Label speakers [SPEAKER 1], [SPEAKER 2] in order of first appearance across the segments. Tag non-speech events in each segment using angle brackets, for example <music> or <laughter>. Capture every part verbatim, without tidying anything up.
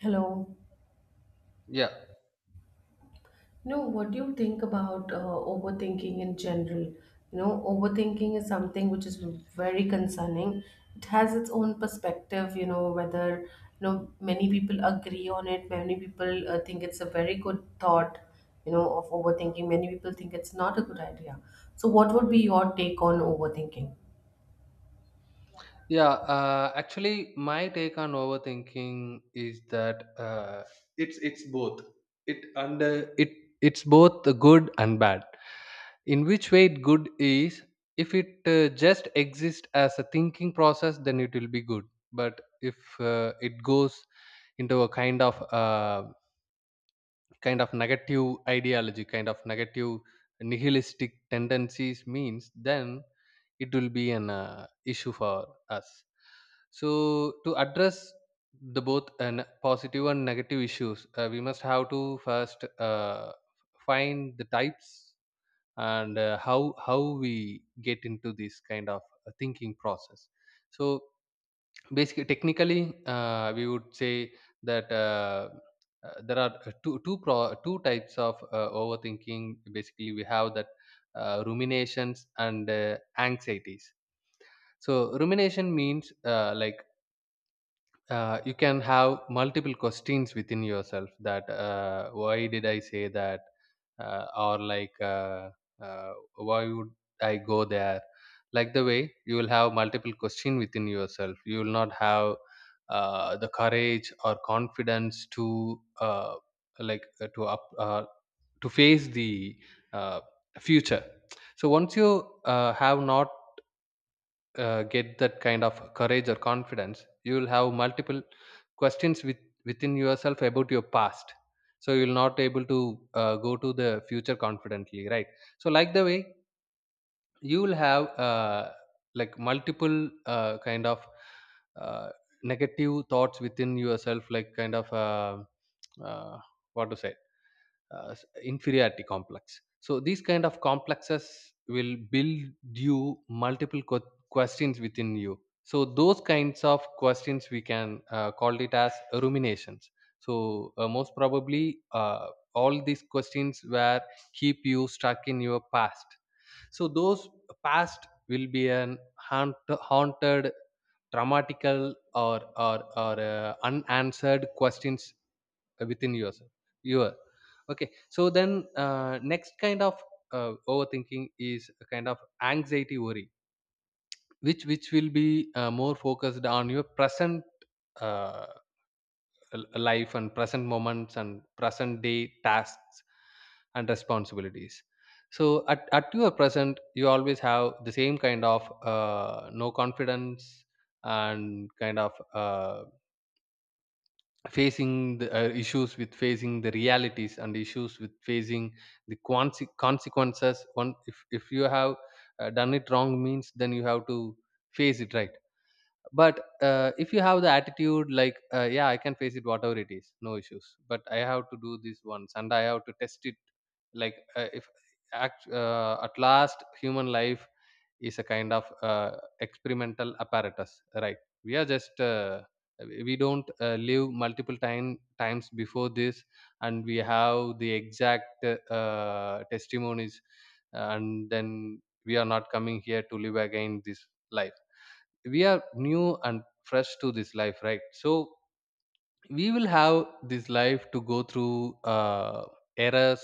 [SPEAKER 1] Hello.
[SPEAKER 2] Yeah.
[SPEAKER 1] You know, what do you think about uh, overthinking in general? You know, overthinking is something which is very concerning. It has its own perspective, you know, whether, you know, many people agree on it, many people uh, think it's a very good thought, you know, of overthinking, many people think it's not a good idea. So, what would be your take on overthinking?
[SPEAKER 2] Yeah. Uh, actually, my take on overthinking is that uh, it's it's both. It under it It's both the good and bad. In which way it good is, if it uh, just exists as a thinking process, then it will be good. But if uh, it goes into a kind of uh, kind of negative ideology, kind of negative nihilistic tendencies means, then it will be an uh, issue for us. So to address the both and positive and negative issues, uh, we must have to first uh, find the types, and uh, how how we get into this kind of uh, thinking process. So basically, technically, uh, we would say that uh, uh, there are uh, two two pro, two types of uh, overthinking. Basically, we have that uh, ruminations and uh, anxieties. So, rumination means, uh, like, uh, you can have multiple questions within yourself, that uh, why did I say that, uh, or like, uh, uh, why would I go there. Like the way you will have multiple question within yourself, you will not have uh, the courage or confidence to, uh, like, uh, to up uh, to face the uh, future. So once you uh, have not uh, get that kind of courage or confidence, you will have multiple questions with, within yourself about your past, so you'll not able to uh, go to the future confidently, right? So like the way you will have uh, like multiple uh, kind of uh, negative thoughts within yourself, like kind of, uh, uh, what to say, uh, s- inferiority complex. So these kind of complexes will build you multiple que- questions within you, so those kinds of questions we can uh, call it as ruminations. So uh, most probably uh, all these questions were keep you stuck in your past. So those past will be an haunt, haunted, traumatical, or or or uh, unanswered questions uh, within yourself, you are. Okay, so then, uh, next kind of uh, overthinking is a kind of anxiety worry, which which will be uh, more focused on your present uh, l- life and present moments and present day tasks and responsibilities. So at, at your present you always have the same kind of uh, no confidence, and kind of uh, facing the uh, issues with facing the realities, and issues with facing the conse- consequences. One, if, if you have uh, done it wrong means, then you have to face it, right? But uh, if you have the attitude like, uh, yeah, I can face it, whatever it is, no issues, but I have to do this once and I have to test it. Like, uh, if act, uh, at last, human life is a kind of uh, experimental apparatus, right? We are just uh, we don't uh, live multiple time times before this, and we have the exact uh, testimonies. And then we are not coming here to live again this life. We are new and fresh to this life, right? So we will have this life to go through uh, errors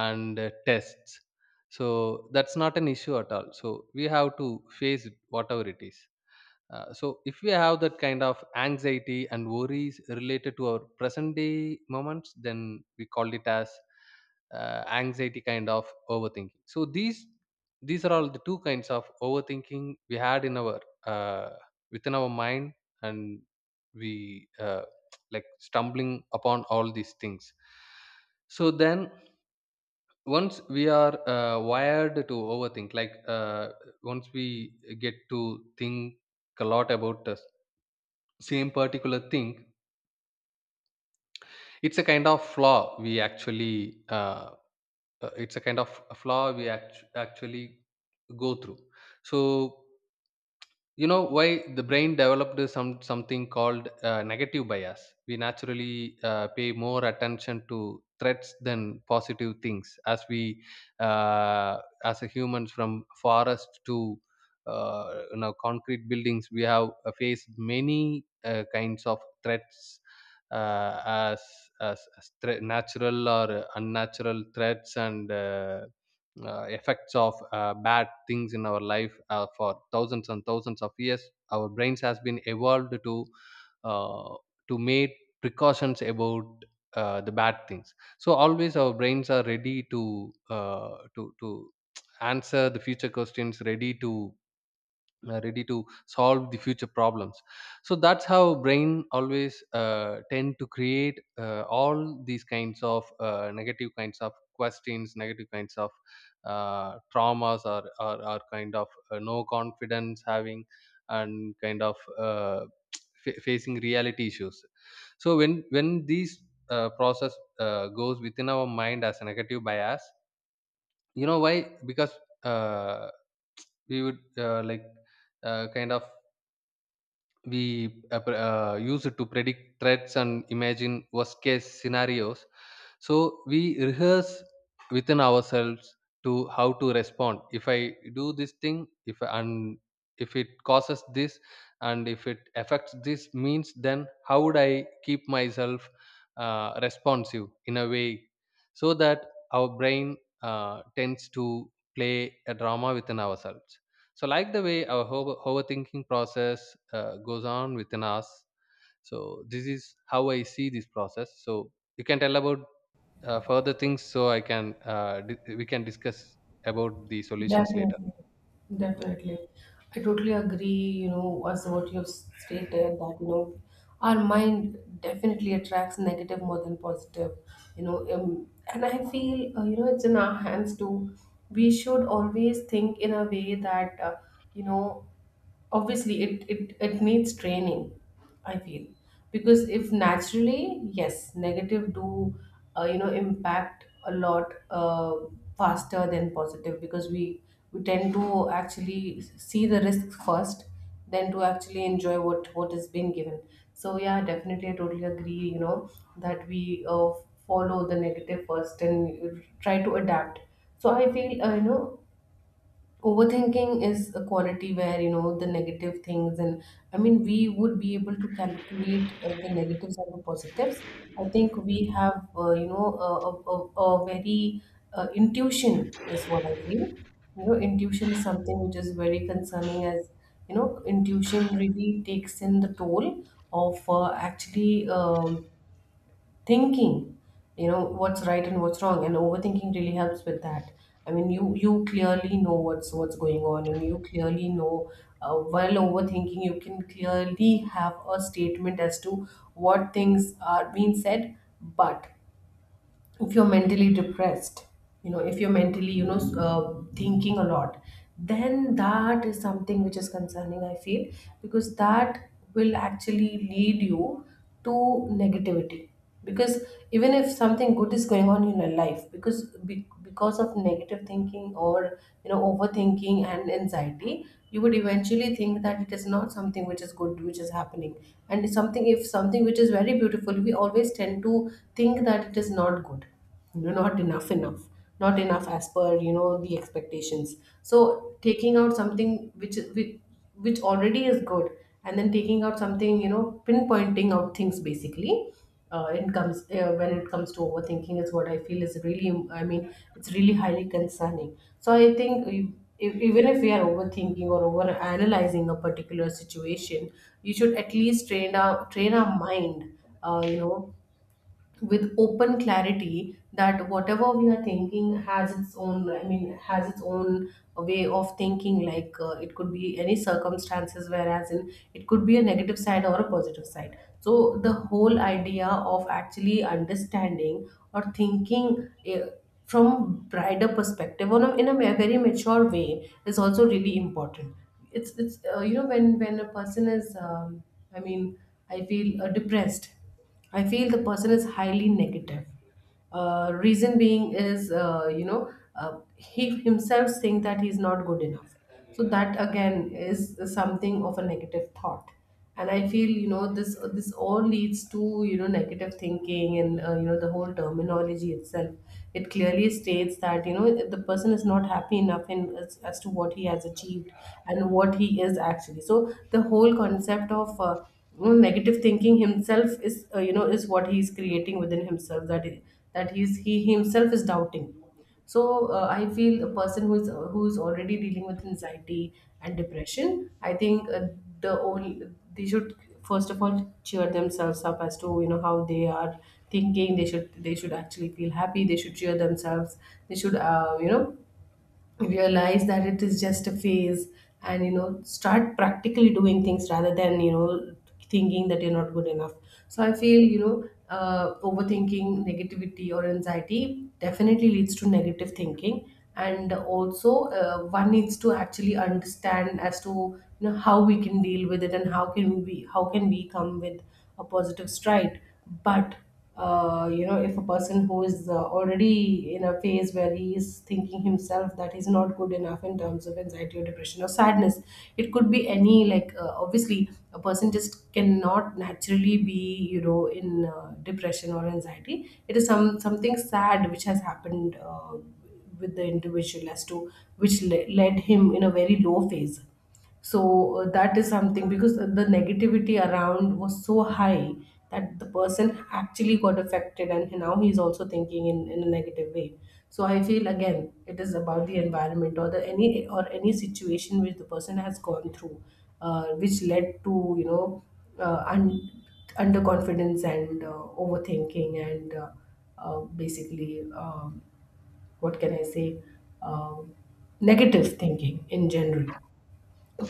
[SPEAKER 2] and uh, tests. So that's not an issue at all, so we have to face it, whatever it is. Uh, so if we have that kind of anxiety and worries related to our present day moments, then we call it as uh, anxiety kind of overthinking. So these these are all the two kinds of overthinking we had in our, uh, within our mind, and we, uh, <tsk> like, stumbling upon all these things. So then, once we are uh, wired to overthink, like, uh, once we get to think a lot about uh, same particular thing, it's a kind of flaw we actually uh, uh, it's a kind of flaw we act- actually go through. So you know why? The brain developed some something called uh, negative bias. We naturally uh, pay more attention to threats than positive things, as we, uh, as a humans, from forest to uh, you know concrete buildings, we have uh, faced many uh, kinds of threats, uh, as as, as thre- natural or unnatural threats, and uh, uh, effects of uh, bad things in our life, uh, for thousands and thousands of years. Our brains has been evolved to, uh, to make precautions about uh, the bad things. So always our brains are ready to, uh, to to answer the future questions, ready to, uh, ready to solve the future problems. So that's how brain always uh, tend to create uh, all these kinds of uh, negative kinds of questions, negative kinds of uh, traumas, or, or, or kind of uh, no confidence having, and kind of uh, <tsk> fa- facing reality issues. So when when these uh, process uh, goes within our mind as a negative bias, you know why? Because, uh, we would uh, like, uh, kind of we uh, pre- uh, use it to predict threats and imagine worst case scenarios. So we rehearse within ourselves to how to respond if I do this thing, if and if it causes this, and if it affects this means, then how would I keep myself uh, responsive in a way. So that our brain uh, tends to play a drama within ourselves. So like the way our over- overthinking process uh, goes on within us. So this is how I see this process. So you can tell about uh, further things, so i can uh, di- we can discuss about the solutions later.
[SPEAKER 1] Definitely,
[SPEAKER 2] Yeah.
[SPEAKER 1] definitely. I totally agree, you know, as what you have stated that, you know, our mind definitely attracts negative more than positive, you know, um, and I feel, uh, you know, it's in our hands too. We should always think in a way that, uh, you know, obviously it, it it needs training, I feel. Because if naturally yes, negative do, uh, you know impact a lot uh, faster than positive, because we we tend to actually see the risks first then to actually enjoy what what is being given. So yeah, definitely I totally agree, you know, that we uh, follow the negative first and try to adapt. So I feel, uh, you know overthinking is a quality where, you know, the negative things, and I mean, we would be able to calculate uh, the negatives and the positives. I think we have, uh, you know, a, a, a a very uh, intuition is what I feel. You know, intuition is something which is very concerning. As, you know, intuition really takes in the toll of uh, actually, um, thinking, you know, what's right and what's wrong, and overthinking really helps with that. I mean, you you clearly know what's what's going on, and you clearly know, uh, while overthinking you can clearly have a statement as to what things are being said. But if you're mentally depressed, you know, if you're mentally, you know, s- uh, thinking a lot, then that is something which is concerning, I feel. Because that will actually lead you to negativity, because even if something good is going on in your life, because be, because of negative thinking or, you know, overthinking and anxiety, you would eventually think that it is not something which is good which is happening. And it's something, if something which is very beautiful, we always tend to think think that it is not good, you know, not enough enough not enough as per, you know, the expectations. So taking out something which is- which, which already is good, and then taking out something, you know, pinpointing out things basically, uh, it comes, uh, when it comes to overthinking, is what I feel is really, I mean, it's really highly concerning. So I think, e- e- even if we are overthinking or over analyzing a particular situation, you should at least train our train our mind, uh, you know with open clarity, that whatever we are thinking has its own, I mean, has its own way of thinking. Like, uh, it could be any circumstances whereas in it could be a negative side or a positive side. So the whole idea of actually understanding or thinking, eh, from brighter perspective on a, in a ma- very mature way is also really important. It's it's uh, you know, when when a person is, um, i mean i feel uh, depressed, I feel the person is highly negative. Uh, reason being is, uh, you know, uh, he himself think that he's not good enough. So that again is something of a negative thought, and I feel, you know, this this all leads to, you know, negative thinking and, uh, you know, the whole terminology itself. It clearly states that, you know, the person is not happy enough in, as, as to what he has achieved and what he is actually. So the whole concept of, uh, you know, negative thinking himself is, uh, you know, is what he is creating within himself, that i- that he's, he himself is doubting. So uh, I feel a person who is, uh, who is already dealing with anxiety and depression, I think, uh, the only, they should first of all cheer themselves up as to, you know, how they are thinking. They should, they should actually feel happy, they should cheer themselves, they should, uh, you know, realize that it is just a phase, and you know, start practically doing things, rather than, you know, thinking that you're not good enough. So I feel, you know, uh, overthinking, negativity, or anxiety definitely leads to negative thinking. And also, uh, one needs to actually understand as to, you know, how we can deal with it, and how can we how can we come with a positive stride. But uh, you know, if a person who is, uh, already in a phase where he is thinking himself that he's not good enough in terms of anxiety or depression or sadness, it could be any. Like, uh, obviously a person just cannot naturally be, you know, in uh, depression or anxiety. It is some, something sad which has happened, uh, with the individual, as to which le- led him in a very low phase. So uh, that is something, because the negativity around was so high that the person actually got affected, and now he's also thinking in, in a negative way. So I feel, again, it is about the environment, or the any, or any situation which the person has gone through, uh, which led to, you know, uh, un- underconfidence and, uh, overthinking, and, uh, uh, basically, um, what can I say, um, negative thinking in general.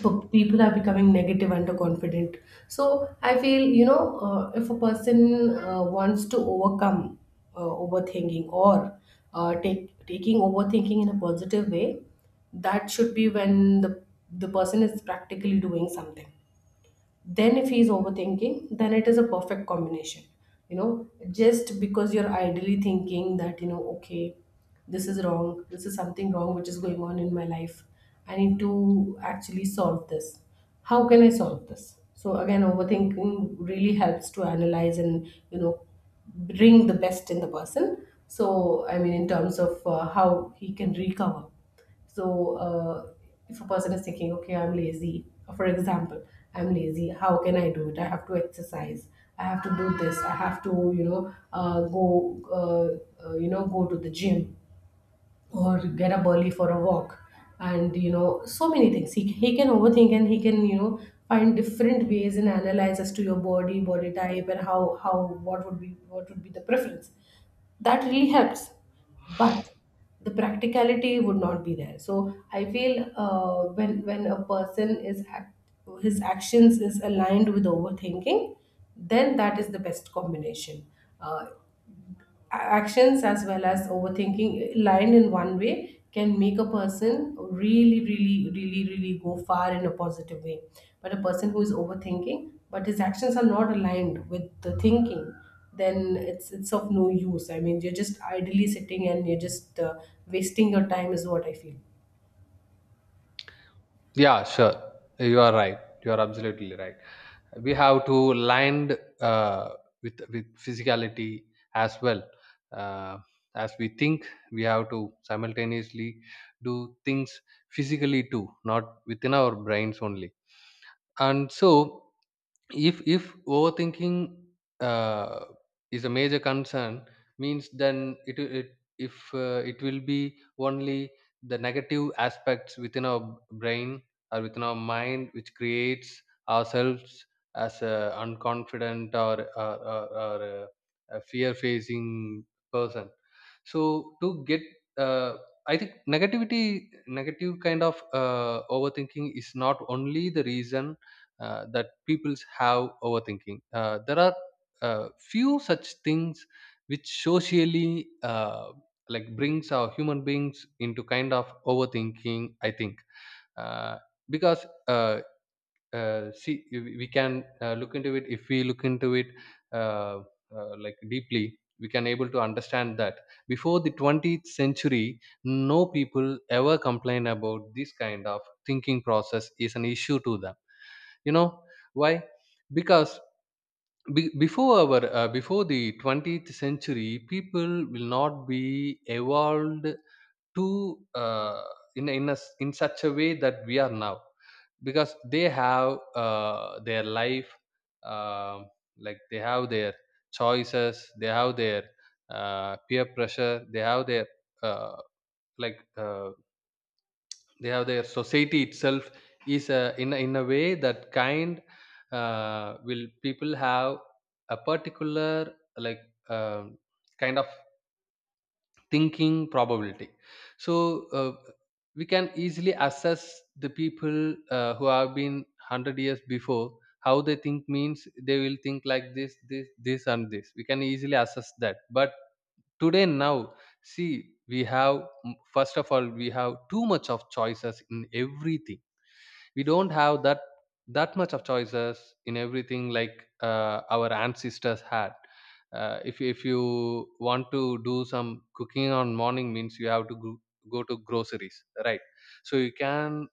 [SPEAKER 1] p- People are becoming negative, underconfident. So I feel, you know, uh, if a person, uh, wants to overcome uh, overthinking, or, uh, take taking overthinking in a positive way, that should be when the the person is practically doing something. Then if he's overthinking, then it is a perfect combination. You know, just because you're idly thinking that, you know, okay, this is wrong, this is something wrong which is going on in my life, I need to actually solve this. How can I solve this? So again, overthinking really helps to analyze, and you know, bring the best in the person. So I mean, in terms of, uh, how he can recover. So, uh, if a person is thinking, okay, I'm lazy, uh, for example, I'm lazy, how can I do it? I have to exercise. I have to do this. I have to, you know, uh, go, uh, uh, you know, go to the gym or get up early for a walk, and you know, so many things. He he can overthink, and he can, you know, find different ways and analyze as to your body, body type, and how how what would be, what would be the preference. That really helps. But the practicality would not be there. So I feel uh, when when a person is act, his actions is aligned with overthinking, then that is the best combination. uh, Actions as well as overthinking lined in one way can make a person really really really really go far in a positive way. But a person who is overthinking, but his actions are not aligned with the thinking, then it's it's of no use. I mean, you're just idly sitting and you're just, uh, wasting your time, is what I feel.
[SPEAKER 2] Yeah, sure, you are right, you are absolutely right. We have to land, uh, with with physicality as well, uh, as we think. We have to simultaneously do things physically too, not within our brains only. And so if if overthinking uh, is a major concern means, then, it, it if uh, it will be only the negative aspects within our brain or within our mind which creates ourselves as a unconfident, or, or, or, or a, a fear facing person. So to get, uh, I think negativity negative kind of uh, overthinking is not only the reason uh, that peoples have overthinking. Uh, there are uh, few such things which socially, uh, like, brings our human beings into kind of overthinking. I think, uh, because uh, uh, see, we we can uh, look into it. If we look into it uh, uh, like deeply, we can able to understand that before the twentieth century no people ever complain about this kind of thinking process is an issue to them. You know why? Because, be, before our, uh, before the twentieth century, people will not be evolved to, uh, in in, a, s- in such a way that we are now. Because they have uh, their life, um like they have their choices, they have their uh, peer pressure, they have their, uh, like uh, they have their society itself is a, in a, in a way that kind, uh, will people have a particular, like um kind of thinking probability. So uh, we can easily assess the people uh, who have been one hundred years before. How they think means, they will think like this this this and this, we can easily assess that. But today now, see, we have first of all we have too much of choices in everything. We don't have that that much of choices in everything like uh, our ancestors had. Uh, if if you want to do some cooking on morning means, you have to go, go to groceries, right? So you can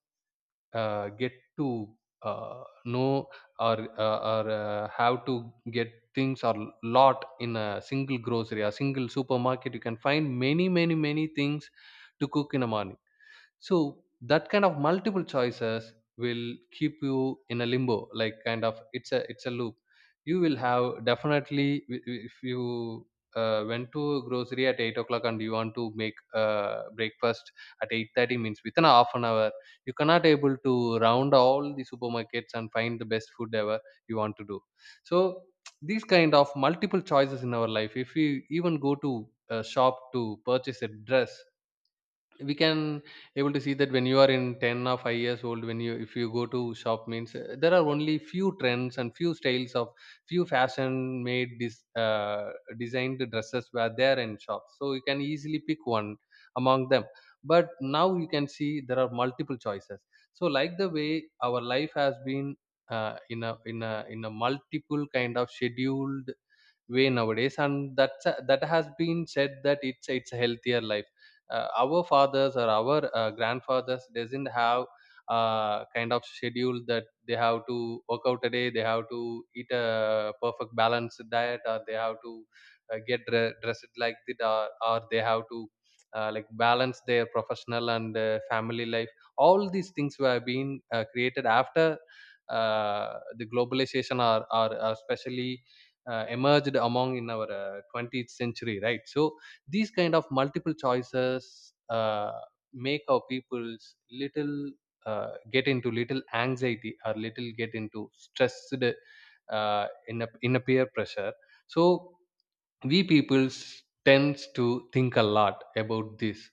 [SPEAKER 2] uh, get to uh, know, or uh, or uh, how to get things or lot in a single grocery, a single supermarket, you can find many many many things to cook in the morning. So that kind of multiple choices will keep you in a limbo, like, kind of, it's a it's a loop. You will have definitely, i- i- if you uh, went to grocery at eight o'clock, and you want to make uh, breakfast at eight thirty means, within a half an hour you cannot able to round all the supermarkets and find the best food ever you want to do. So these kind of multiple choices in our life, if we even go to a shop to purchase a dress, we can able to see that when you are in ten or five years old, when you if you go to shop means, uh, there are only few trends and few styles of few fashion made this uh, designed dresses were there in shops, so you can easily pick one among them. But now you can see there are multiple choices. So like the way our life has been, uh, in a in a in a multiple kind of scheduled way nowadays, and that's that has been said that it's it's a healthier life. Uh, our fathers or our uh, grandfathers doesn't have uh, kind of schedule that they have to work out a day, they have to eat a perfect balanced diet, or they have to uh, get dre- dressed like that, or, or they have to uh, like balance their professional and uh, family life. All these things were being uh, created after uh, the globalization, or, or, or especially uh, emerged among in our uh, twentieth century, right? So these kind of multiple choices uh, make our people's little uh, get into little anxiety or little get into stressed uh, in a in a peer pressure. So we peoples tends to think a lot about this,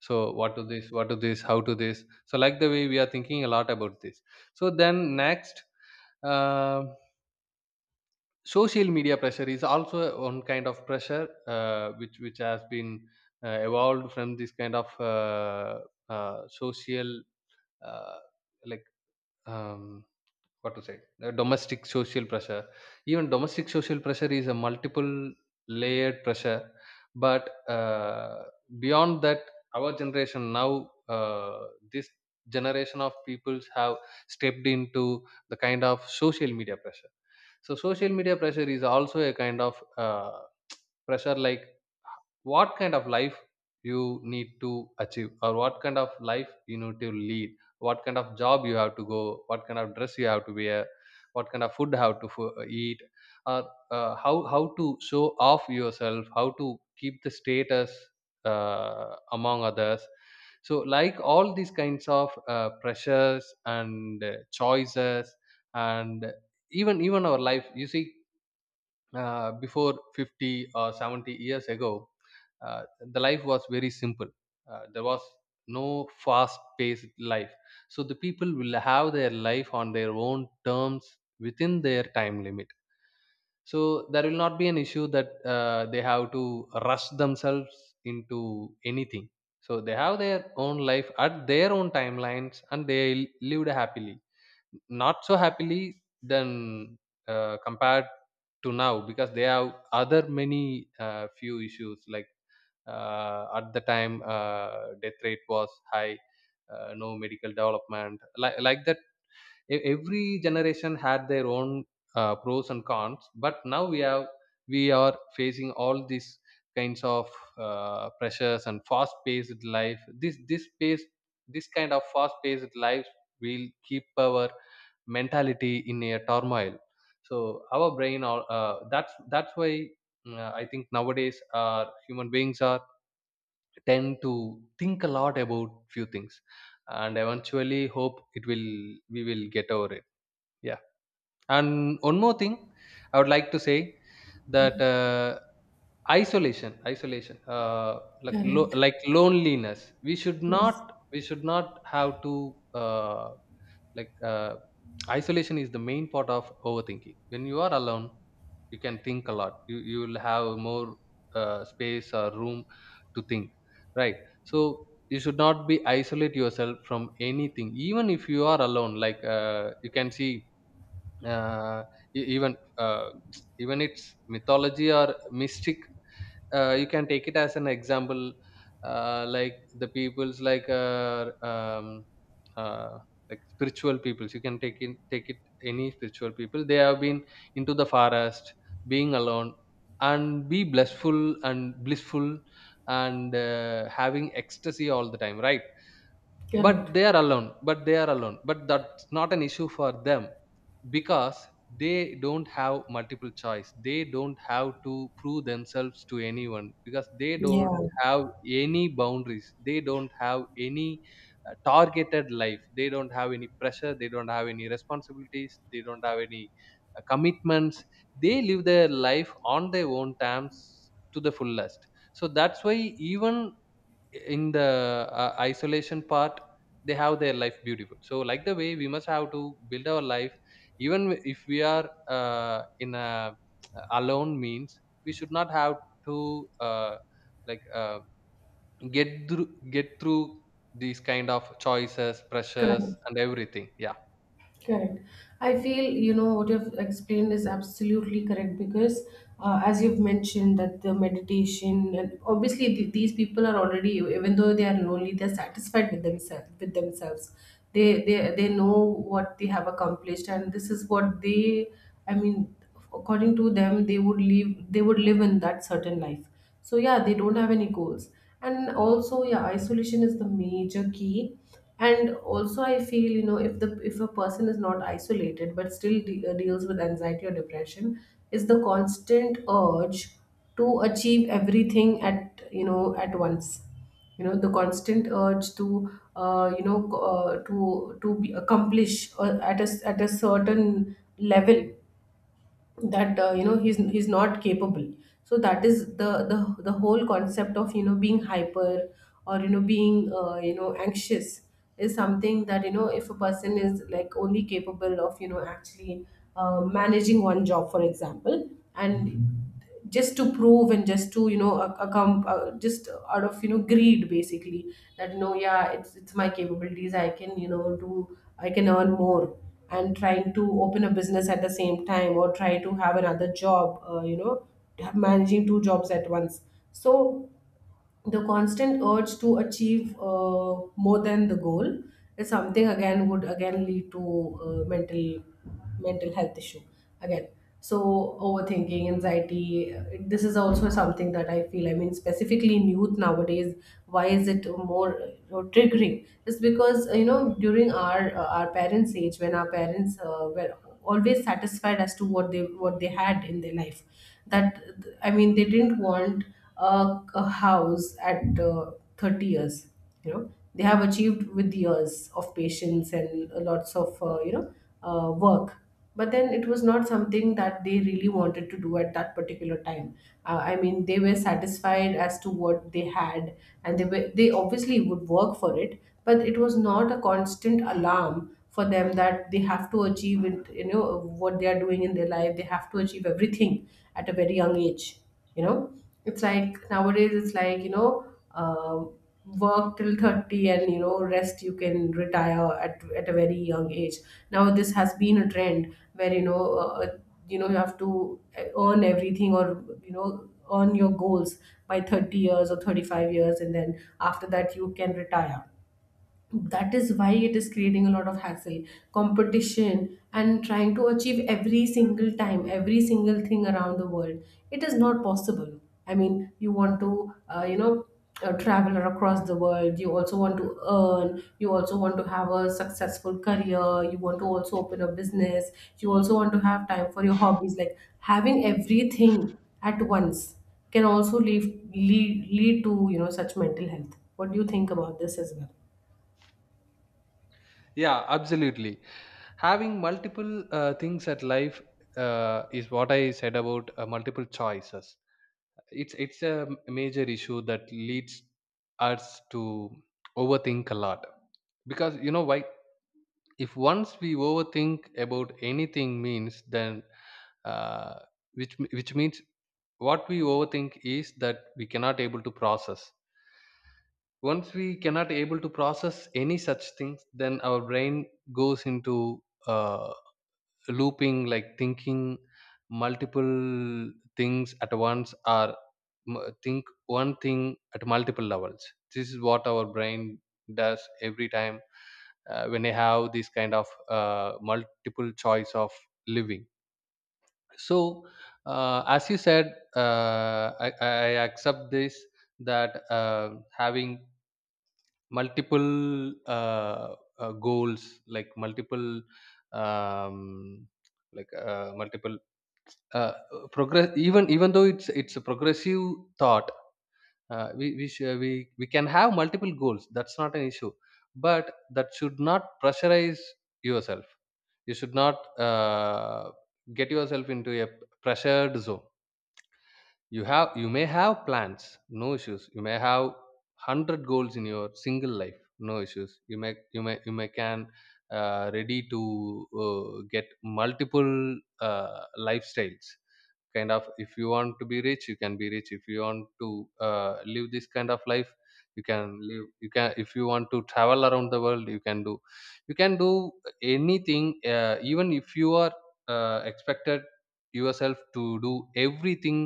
[SPEAKER 2] so what to this, what to this, how to this. So like the way we are thinking a lot about this. So then next, uh, social media pressure is also one kind of pressure, uh, which which has been uh, evolved from this kind of uh, uh, social, uh, like um, what to say, uh, domestic social pressure. Even domestic social pressure is a multiple layered pressure, but uh, beyond that, our generation now, uh, this generation of peoples have stepped into the kind of social media pressure. So social media pressure is also a kind of uh, pressure, like what kind of life you need to achieve, or what kind of life you need to lead, what kind of job you have to go, what kind of dress you have to wear, what kind of food you have to fo- uh, eat, or uh, how how to show off yourself, how to keep the status uh, among others. So like all these kinds of uh, pressures and uh, choices. And even even our life you see, uh, before fifty or seventy years ago, uh, the life was very simple. Uh, there was no fast paced life. So the people will have their life on their own terms within their time limit. So there will not be an issue that uh, they have to rush themselves into anything. So they have their own life at their own timelines, and they lived happily, not so happily than uh, compared to now, because they have other many uh, few issues, like uh, at the time, uh, death rate was high, uh, no medical development, like, like that. E- every generation had their own uh, pros and cons, but now we have, we are facing all these kinds of uh, pressures and fast paced life. This this pace this kind of fast paced life will keep our mentality in a turmoil. So our brain, or uh, that's that's why, mm, I think nowadays our human beings are tend to think a lot about few things, and eventually hope it will we will get over it. Yeah. And one more thing, I would like to say
[SPEAKER 1] Yeah,
[SPEAKER 2] that uh, isolation, isolation, uh, like lo-
[SPEAKER 1] correct.
[SPEAKER 2] like loneliness. We should
[SPEAKER 1] Yes,
[SPEAKER 2] not, we should not have to, uh, like uh, isolation is the main part of overthinking. When you are alone, you can think a lot. You you will have more uh, space or room to think, right? So you should not be isolate yourself from anything, even if you are alone. Like, uh, you can see, uh, e- even uh, even its mythology or mystic, uh, you can take it as an example, uh, like the peoples like, uh, um, uh, like spiritual peoples, you can take in take it any spiritual people. They have been into the forest, being alone and be blissful and blissful, and uh, having ecstasy all the time, right? But
[SPEAKER 1] correct.
[SPEAKER 2] they are alone but they are alone, but that's not an issue for them, because they don't have multiple choice, they don't have to prove themselves to anyone, because they don't
[SPEAKER 1] Yeah,
[SPEAKER 2] have any boundaries, they don't have any uh, targeted life, they don't have any pressure, they don't have any responsibilities, they don't have any uh, commitments. They live their life on their own terms to the fullest. So that's why, even in the uh, isolation part, they have their life beautiful. So like the way we must have to build our life, even if we are uh, in a uh, alone means, we should not have to uh, like uh, get through get through these kind of choices, pressures
[SPEAKER 1] correct.
[SPEAKER 2] and everything. Yeah,
[SPEAKER 1] Correct. I feel, you know, what you've explained is absolutely correct. Because, uh, as you've mentioned, that the meditation, and obviously th- these people are already, even though they are lonely, they're satisfied with themselves. With themselves, they they they know what they have accomplished, and this is what they, I mean, according to them, they would live. They would live in that certain life. So yeah, they don't have any goals. And also, yeah, isolation is the major key. And also, I feel, you know, if the if a person is not isolated but still de- uh, deals with anxiety or depression, is the constant urge to achieve everything at, you know, at once. You know, the constant urge to, uh, you know co- uh, to to be accomplish uh, at a s- at a certain level that, uh, you know, he's he's not capable. So that is the the the whole concept of, you know, being hyper, or you know, being, uh, you know, anxious, is something that, you know, if a person is like only capable of, you know, actually, uh, managing one job, for example, and just to prove, and just to, you know, a- accom- uh, just out of, you know, greed, basically, that, you know, yeah, it's it's my capabilities. I can, you know, do, I can earn more, and trying to open a business at the same time, or try to have another job, uh, you know, managing two jobs at once. So the constant urge to achieve, uh, more than the goal is something again would again lead to, uh, mental mental health issue again. So overthinking, anxiety, uh, this is also something that I feel, I mean specifically in youth nowadays. Why is it more uh, triggering? It's because, uh, you know, during our, uh, our parents age, when our parents, uh, were always satisfied as to what they, what they had in their life. That, I mean, they didn't want a, a house at, uh, thirty years. You know, they have achieved with years of patience and lots of, uh, you know, uh, work. But then it was not something that they really wanted to do at that particular time. uh, I mean, they were satisfied as to what they had, and they were, they obviously would work for it, but it was not a constant alarm for them that they have to achieve it. You know, what they are doing in their life, they have to achieve everything at a very young age. You know, it's like nowadays, it's like, you know, um, work till thirty, and you know, rest, you can retire at, at a very young age. Now this has been a trend where, you know, uh, uh, you know, you have to, uh, earn everything, or you know, earn your goals by thirty years or thirty-five years, and then after that you can retire. That is why it is creating a lot of hassle, competition, and trying to achieve every single time every single thing around the world. It is not possible. I mean, you want to, uh, you know uh, travel across the world, you also want to earn, you also want to have a successful career, you want to also open a business, you also want to have time for your hobbies. Like, having everything at once can also lead lead, lead to, you know, such mental health. What do you think about this as well?
[SPEAKER 2] yeah, absolutely. Having multiple uh, things at life uh, is what I said about uh, multiple choices. It's it's a major issue that leads us to overthink a lot. Because you know why? If once we overthink about anything means, then uh, which which means, what we overthink is that we cannot able to process. Once we cannot able to process any such things, then our brain goes into uh, looping, like thinking multiple things at once, or m- think one thing at multiple levels. This is what our brain does every time uh, when they have this kind of uh, multiple choice of living. So uh, as you said, uh, I, I accept this, that uh, having multiple uh, uh, goals, like multiple, um, like uh, multiple uh, progress, even even though it's it's a progressive thought. Uh, we we, sh- we we can have multiple goals, that's not an issue. But that should not pressurize yourself. You should not uh, get yourself into a pressured zone. You have you may have plans, no issues. You may have one hundred goals in your single life, no issues. you may you may you may can uh, ready to uh, get multiple uh, lifestyles. Kind of, if you want to be rich, you can be rich. If you want to uh, live this kind of life, you can live. You can If you want to travel around the world, you can do, you can do anything. Uh, even if you are uh, expected yourself to do everything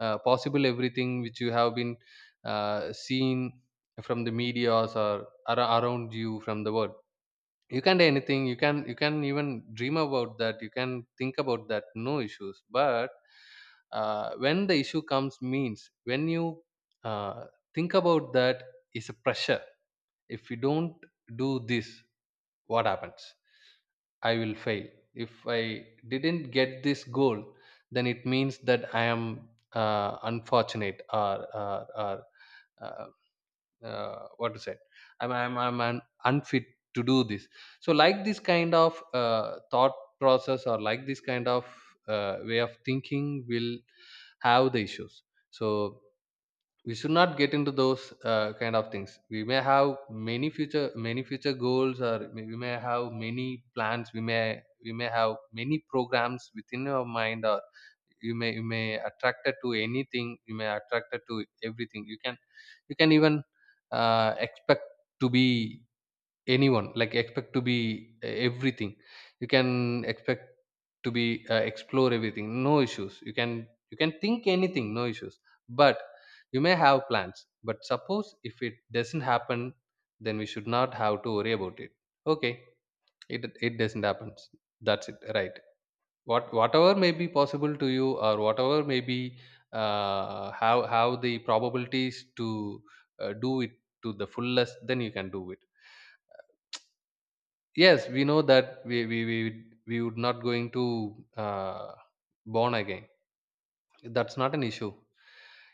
[SPEAKER 2] uh, possible, everything which you have been uh, seen from the media or ar- around you from the world, you can do anything. You can you can even dream about that you can think about that no issues. But uh, when the issue comes means, when you uh, think about, that is a pressure. If you don't do this, what happens? I will fail. If I didn't get this goal, then it means that I am uh, unfortunate, or, or, or uh, uh, what to say, i'm i'm I'm un- unfit to do this. So like this kind of uh, thought process, or like this kind of uh, way of thinking will have the issues. So we should not get into those uh, kind of things. We may have many future many future goals, or may- we may have many plans. We may we may have many programs within our mind. Or you may you may attracted to anything, you may attracted to everything. You can, you can even uh, expect to be, anyone like expect to be, e- everything. You can expect to be, uh, explore everything, no issues. You can, you can think anything, no issues. But you may have plans, but suppose if it doesn't happen, then we should not have to worry about it. Okay, it it doesn't happen, that's it, right? what whatever may be possible to you, or whatever may be, uh, how how the probabilities to, uh, do it to the fullest, then you can do it. Yes, we know that we we we we would not going to uh, born again. That's not an issue.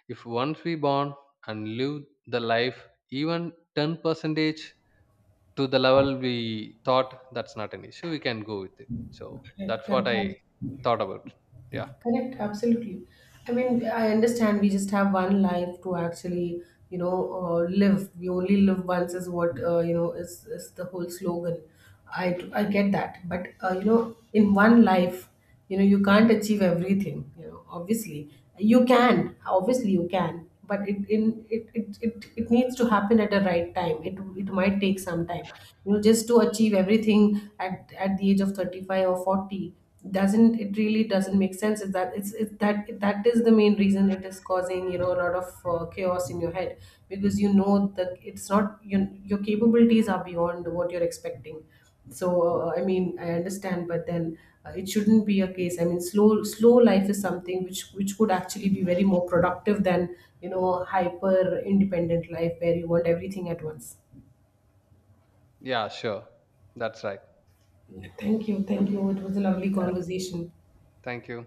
[SPEAKER 2] If once we born and live the life, even ten percentage to the level we thought, that's not an issue. We can go with it. So
[SPEAKER 1] Correct,
[SPEAKER 2] that's what
[SPEAKER 1] correct,
[SPEAKER 2] I
[SPEAKER 1] abs-
[SPEAKER 2] thought about. Yeah,
[SPEAKER 1] correct, absolutely. I mean, I understand, we just have one life to actually, you know, uh, live. We only live once is what, uh, you know, is, is the whole slogan. I I get that. But, uh, you know, in one life, you know, you can't achieve everything, you know, obviously. You can, obviously you can. But it in it, it, it, it needs to happen at the right time. It it might take some time. You know, just to achieve everything at, at the age of thirty-five or forty, doesn't, it really doesn't make sense. Is that it's, it, that that is the main reason it is causing, you know, a lot of uh, chaos in your head. Because you know that it's not your, your capabilities are beyond what you're expecting. So uh, I mean I understand, but then, uh, it shouldn't be a case. I mean, slow slow life is something which which could actually be very more productive than, you know, hyper independent life, where you want everything at once.
[SPEAKER 2] yeah, sure. That's right.
[SPEAKER 1] Thank you, thank you, it was a lovely
[SPEAKER 2] Yeah.
[SPEAKER 1] conversation.
[SPEAKER 2] Thank you.